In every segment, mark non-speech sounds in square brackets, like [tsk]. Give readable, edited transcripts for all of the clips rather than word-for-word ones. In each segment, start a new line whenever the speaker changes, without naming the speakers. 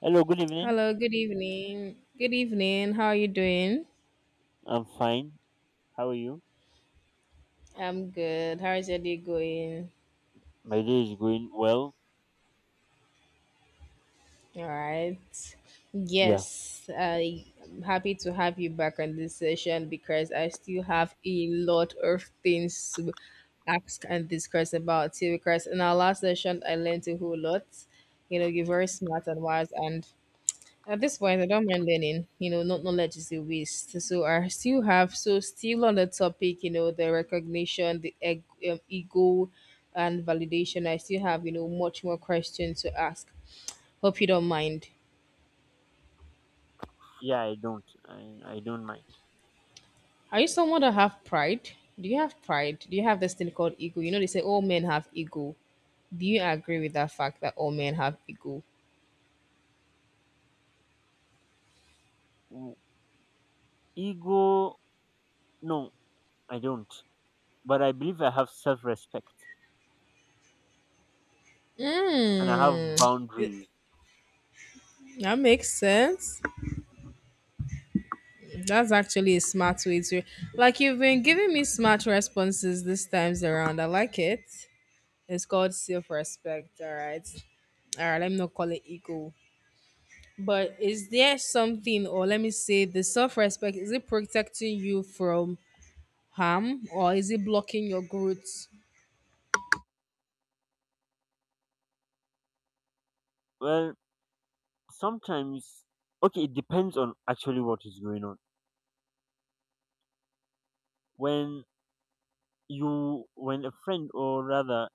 Hello, good evening.
Hello, good evening. Good evening. How are you doing?
I'm fine. How are you?
I'm good. How is your day going?
My day is going well.
All right.
Yeah.
Yes, I'm happy to have you back on this session because I still have a lot of things to ask and discuss about you. Because in our last session, I learned a whole lot. You know, you're very smart and wise, and at this point, I don't mind learning. You know, not knowledge is a waste. So I still have. So still on the topic, you know, the recognition, the ego, and validation. I still have, you know, much more questions to ask. Hope you don't mind.
Yeah, I don't. I don't mind.
Are you someone that have pride? Do you have pride? Do you have this thing called ego? You know, they say all men have ego. Do you agree with that fact that all men have ego?
Mm, ego, no, I don't. But I believe I have self respect and I have
Mm,
boundaries.
that makes sense. That's actually a smart way to, like, you've been giving me smart responses this times around. I like it. It's called self-respect, all right. All right, let me not call it ego. But is there something, or let me say the self-respect, is it protecting you from harm or is it blocking your growth?
Well, sometimes, okay, it depends on actually what is going on. When when a friend, or rather,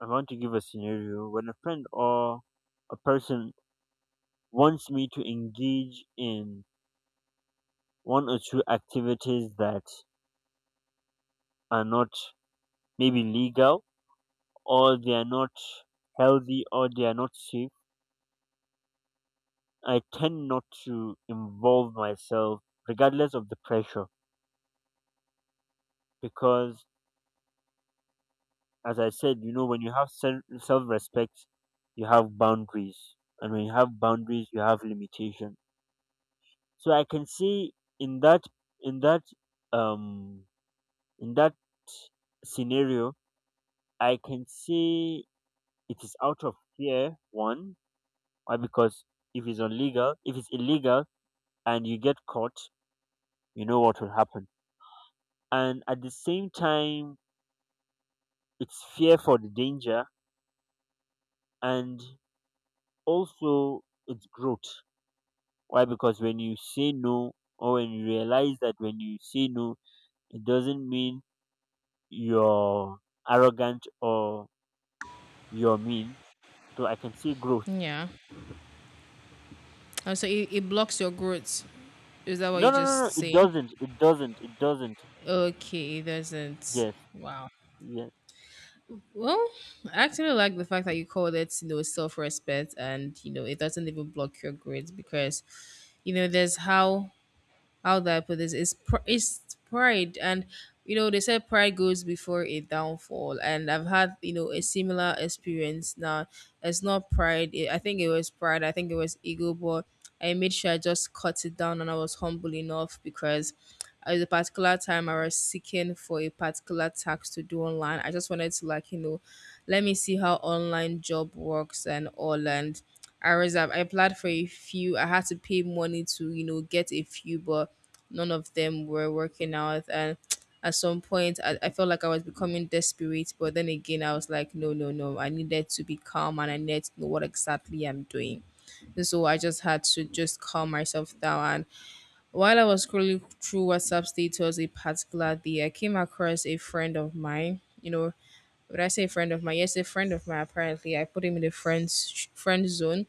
I want to give a scenario, when a friend or a person wants me to engage in one or two activities that are not maybe legal or they are not healthy or they are not safe, I tend not to involve myself regardless of the pressure because, as I said, you know, when you have self respect, you have boundaries, and when you have boundaries, you have limitation. So I can say in that, in that, um, in that scenario, I can say it is out of fear, one. Why? Because if it's illegal, and you get caught, you know what will happen. And at the same time, it's fear for the danger, and also it's growth. Why? Because when you say no, or when you realize that when you say no, it doesn't mean you're arrogant or you're mean. So I can see growth.
Yeah. Oh, so it blocks your growth. Is that what
No,
you
no, no,
just
no. It
say?
doesn't. It doesn't. It doesn't.
Okay, it doesn't.
Yes.
Wow.
Yes.
Well, I actually like the fact that you called it, you know, self respect and, you know, it doesn't even block your grades because, you know, there's how do I put this? It's it's pride, and you know they said pride goes before a downfall, and I've had, you know, a similar experience. Now it's not pride. It, I think it was pride. I think it was ego, but I made sure I just cut it down, and I was humble enough because at a particular time I was seeking for a particular tax to do online. I just wanted to, like, you know, let me see how online job works and all and. I was I applied for a few. I had to pay money to, you know, get a few, but none of them were working out, and [tsk] at some point I felt like I was becoming desperate, but then again I was like, no, no, no, I needed to be calm and I needed to know what exactly I'm doing, so I just had to just calm myself down. And while I was scrolling through WhatsApp status a particular day, I came across a friend of mine. You know, when I say friend of mine, yes, a friend of mine, apparently I put him in the friends friend zone.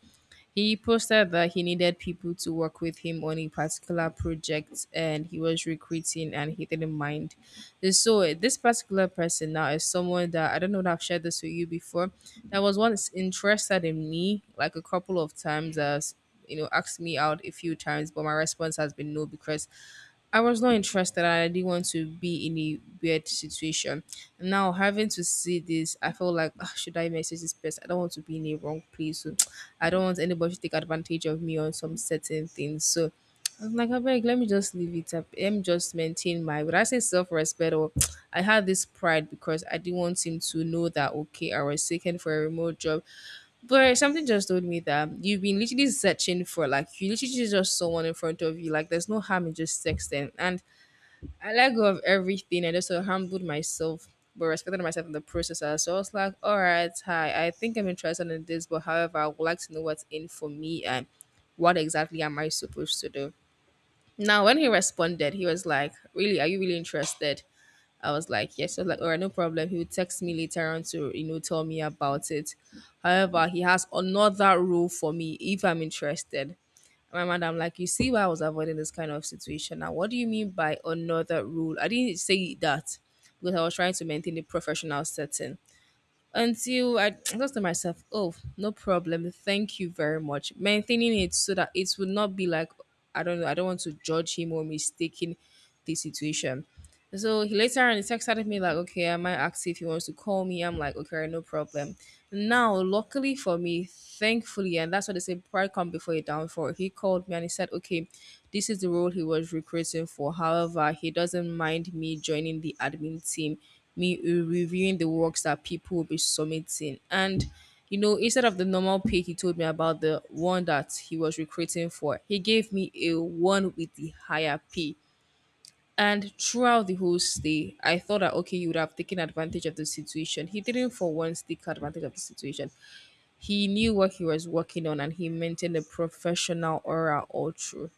He posted that he needed people to work with him on a particular project and he was recruiting and he didn't mind. And so, this particular person now is someone that I don't know that I've shared this with you before, that was once interested in me like a couple of times, as you know, asked me out a few times, but my response has been no because I was not interested and I didn't want to be in a weird situation. Now having to see this, I felt like, "Ah, should I message this person? I don't want to be in a wrong place." So [tsk] I don't want anybody to take advantage of me on some certain things. So I was like, I beg, let me just leave it up. Let me just maintain my, would I say, self respect, or [tsk] I had this pride because I didn't want him to know that okay, I was taken for a remote job. But something just told me that you've been literally searching for, like, you literally just someone in front of you. Like there's no harm in just sexting. And I let go of everything. I just sort of humbled myself but respected myself in the process as well. So I was like, all right, hi, I think I'm interested in this, but however, I would like to know what's in for me and what exactly am I supposed to do? Now when he responded, he was like, really, are you really interested? I was like, yes. I was like, all right, no problem. He would text me later on to, you know, tell me about it. However, he has another role for me if I'm interested. And my madam, like, you see why I was avoiding this kind of situation. Now, what do you mean by another rule? I didn't say that because I was trying to maintain the professional setting. Until I just to myself, oh, no problem. Thank you very much. Maintaining it so that it would not be like, I don't know, I don't want to judge him or mistaking the situation. So he later on he texted me like, okay, I might ask if he wants to call me. I'm like, okay, no problem. Now, luckily for me, thankfully, and that's what they say, pride come before a downfall. He called me and he said, okay, this is the role he was recruiting for. However, he doesn't mind me joining the admin team, me reviewing the works that people will be submitting. And you know, instead of the normal pay he told me about the one that he was recruiting for, he gave me a one with the higher pay, and throughout the whole stay, I thought that okay, he would have taken advantage of the situation. He didn't for once take advantage of the situation. He knew what he was working on and he maintained a professional aura all through,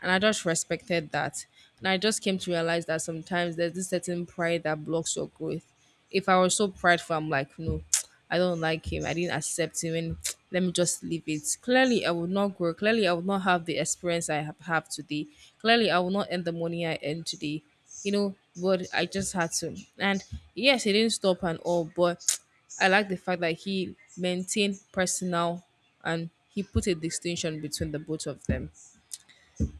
and I just respected that. And I just came to realize that sometimes there's this certain pride that blocks your growth. If I was so prideful, I'm like, no, [tsk] I don't like him, I didn't accept him, and [tsk] let me just leave it. Clearly, I would not grow. Clearly, I would not have the experience I have today. Clearly, I will not earn the money I earn today. You know, but I just had to. And yes, he didn't stop and all, but [tsk] I like the fact that he maintained personal and he put a distinction between the both of them.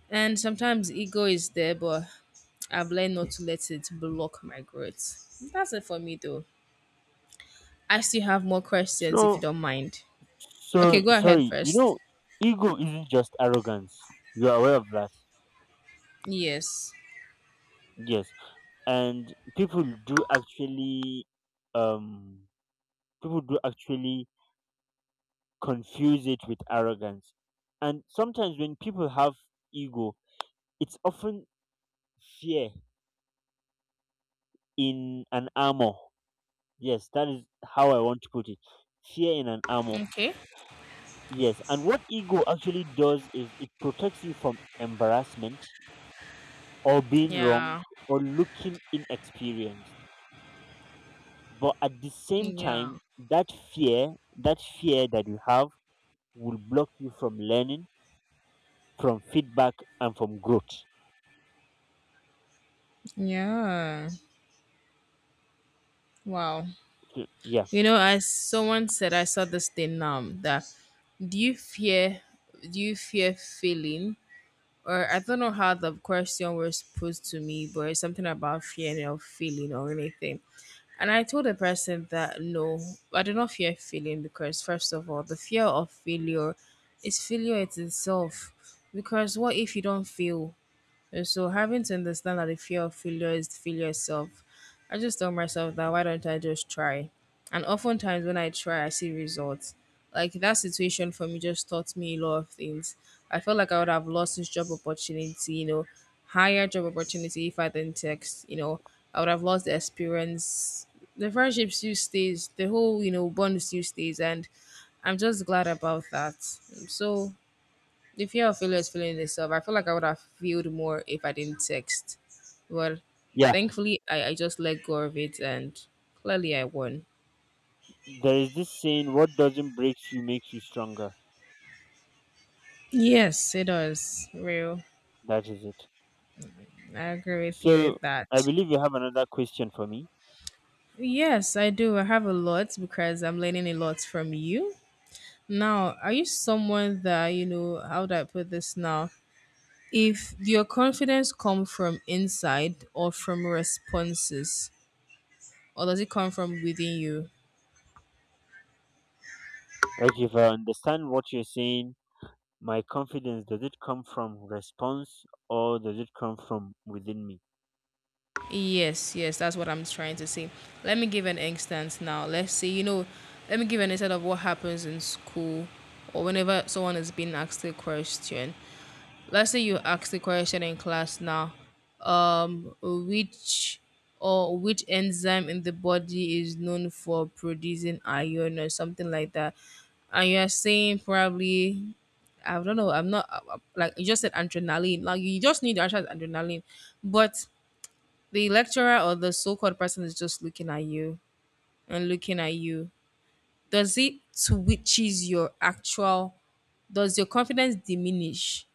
And sometimes ego is there, but I've learned not to let it block my growth. That's it for me, though. I still have more questions if you
So
don't mind.
So
Okay, go ahead
sorry, you
first.
know, ego isn't just arrogance. You are aware of that.
Yes.
Yes. And um people do actually confuse it with arrogance. And sometimes when people have ego, it's often fear in an armor. Yes, that is how I want to put it. Fear in an armor.
Okay.
Yes. And what ego actually does is it protects you from embarrassment or being wrong
Yeah.
or looking inexperienced. But at the same
Yeah.
time, that fear that you have will block you from learning, from feedback, and from growth.
Yeah. Wow.
So, yeah.
You know, as someone said, I saw this thing now, that do you fear, do you fear failing, or I don't know how the question was posed to me, but it's something about fear or feeling or anything. And I told the person that no, I do not fear failing because, first of all, the fear of failure is failure it's itself. Because what if you don't fail? So having to understand that the fear of failure is failure itself, I just tell myself that why don't I just try? And oftentimes when I try, I see results. Like that situation for me just taught me a lot of things. I felt like I would have lost this job opportunity, you know, higher job opportunity if I didn't text, you know, I would have lost the experience. The friendship still stays, the whole, you know, bond still stays, and I'm just glad about that. So the fear of failure is feeling itself. I feel like I would have failed more if I didn't text. But
Yeah.
thankfully, I just let go of it, and clearly I won.
There is this saying, what doesn't break you makes you stronger.
Yes, it does. Real.
That is it.
I agree with you
So
with that.
I believe you have another question for me.
Yes, I do. I have a lot because I'm learning a lot from you. Now, are you someone that, you know, how do I put this now? If your confidence come from inside or from responses, or does it come from within you?
Like if I understand what you're saying, my confidence, does it come from response or does it come from within me?
Yes, yes, that's what I'm trying to say. Let me give an instance now. Let's say, you know, let me give an instance of what happens in school or whenever someone is being asked a question. Let's say you ask the question in class now, which or which enzyme in the body is known for producing iron or something like that. And you're saying probably, I don't know, I'm not like you just said adrenaline. Like you just need to answer is adrenaline. But the lecturer or the so-called person is just looking at you and looking at you, does it switches your actual, does your confidence diminish,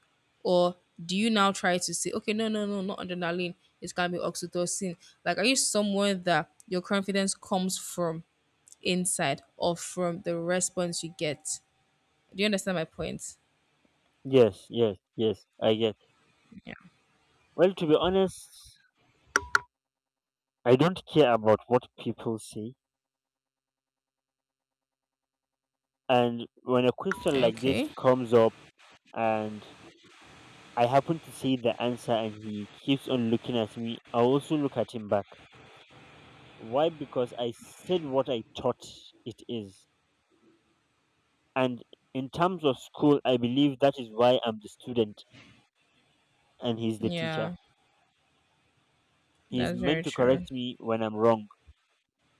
or do you now try to say okay, no, no, no, not adrenaline, it's gonna be oxytocin? Like, are you someone that your confidence comes from inside or from the response you get? Do you understand my point?
Yes, yes, yes. I get.
Yeah.
Well, to be honest, I don't care about what people say. And when a question like this
Okay.
comes up and I happen to say the answer and he keeps on looking at me, I also look at him back. Why? Because I said what I thought it is. And in terms of school, I believe that is why I'm the student and he's the teacher.
Yeah.
He's
That's
meant
very
to
true.
correct me when I'm wrong.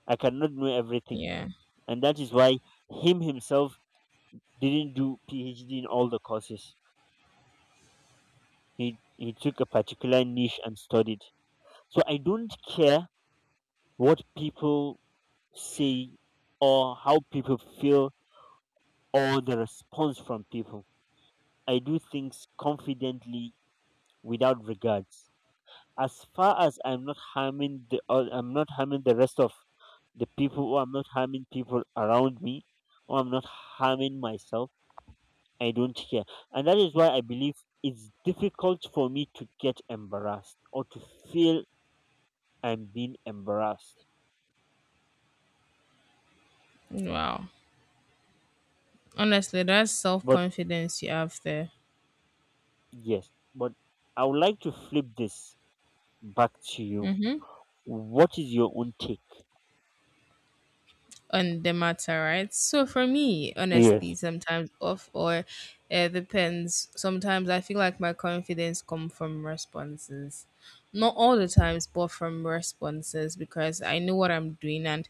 I cannot know everything.
Yeah.
And that is why him himself didn't do PhD in all the courses. He took a particular niche and studied. So I don't care what people say or how people feel or the response from people. I do things confidently without regards. As far as I'm not harming the I'm not harming the rest of the people or I'm not harming people around me or I'm not harming myself, I don't care. And that is why I believe it's difficult for me to get embarrassed or to feel I'm being embarrassed.
Wow. Honestly, that's
But
self-confidence you have there.
yes, but I would like to flip this back to you.
Mm-hmm.
What is your own take?
On the matter, right? So for me,
Yes.
honestly, sometimes off or it depends. Sometimes I feel like my confidence come from responses. Not all the times, but from responses because I know what I'm doing, and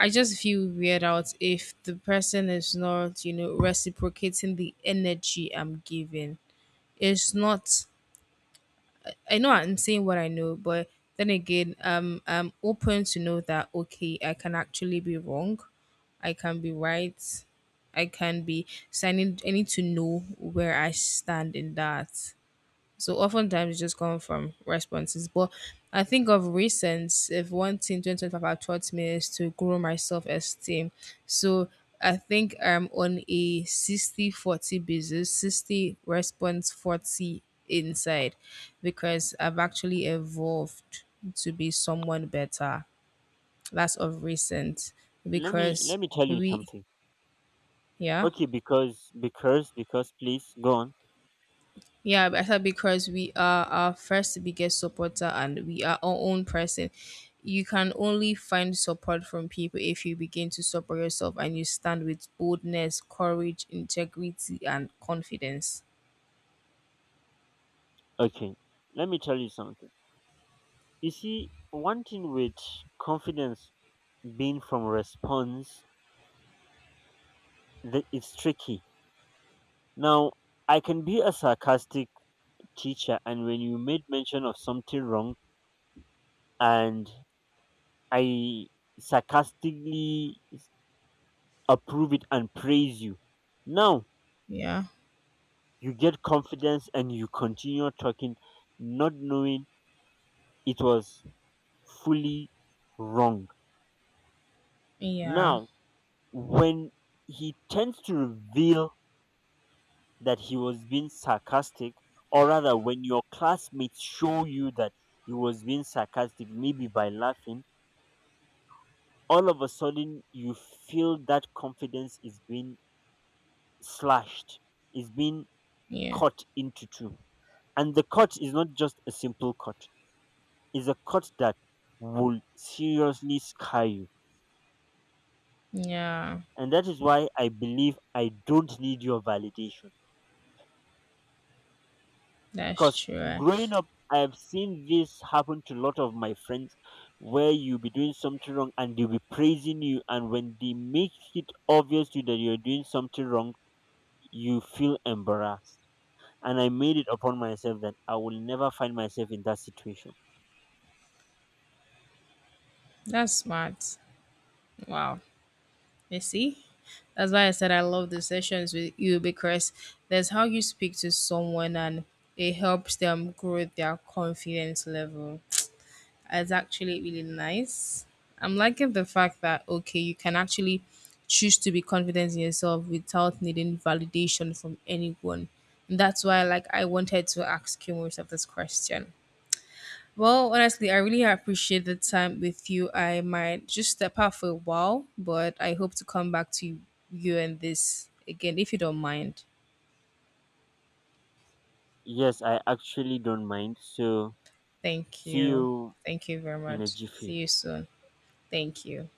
I just feel weird out if the person is not, you know, reciprocating the energy I'm giving. It's not I know I'm saying what I know, but then again, I'm open to know that okay, I can actually be wrong, I can be right, I can be. So I need to know where I stand in that. So oftentimes it just come from responses. But I think of recent, if one thing 2025 have taught me is to grow my self esteem. So I think I'm on a 60-40 basis, 60 response, 40 inside, because I've actually evolved to be someone better. That's of recent,
Let me
because
let me tell you
we,
something.
yeah.
Okay, because please go on.
Yeah, better because we are our first biggest supporter and we are our own person. You can only find support from people if you begin to support yourself and you stand with boldness, courage, integrity, and confidence.
Okay. Let me tell you something. You see, one thing with confidence being from response that it's tricky. Now I can be a sarcastic teacher and when you made mention of something wrong and I sarcastically s- approve it and praise you. Now
Yeah,
you get confidence and you continue talking, not knowing it was fully wrong.
yeah,
Now, when he tends to reveal that he was being sarcastic, or rather, when your classmates show you that he was being sarcastic, maybe by laughing, all of a sudden you feel that confidence is being slashed, is being
yeah,
cut into two. And the cut is not just a simple cut, it's a cut that will seriously scar you.
yeah.
And that is why I believe I don't need your validation.
That's
Because
true. Eh?
growing up, I've seen this happen to a lot of my friends where you'll be doing something wrong and they'll be praising you. And when they make it obvious to you that you're doing something wrong, you feel embarrassed. And I made it upon myself that I will never find myself in that situation.
That's smart. Wow. You see? That's why I said I love the sessions with you because that's how you speak to someone and it helps them grow their confidence level. It's actually really nice. I'm liking the fact that okay, you can actually choose to be confident in yourself without needing validation from anyone. And that's why like I wanted to ask you most of this question. Well, honestly, I really appreciate the time with you. I might just step out for a while, but I hope to come back to you and this again if you don't mind.
Yes, I actually don't mind. So,
Thank
see
you.
you
Thank you very
in a
much. See
jiffy.
you soon. Thank you.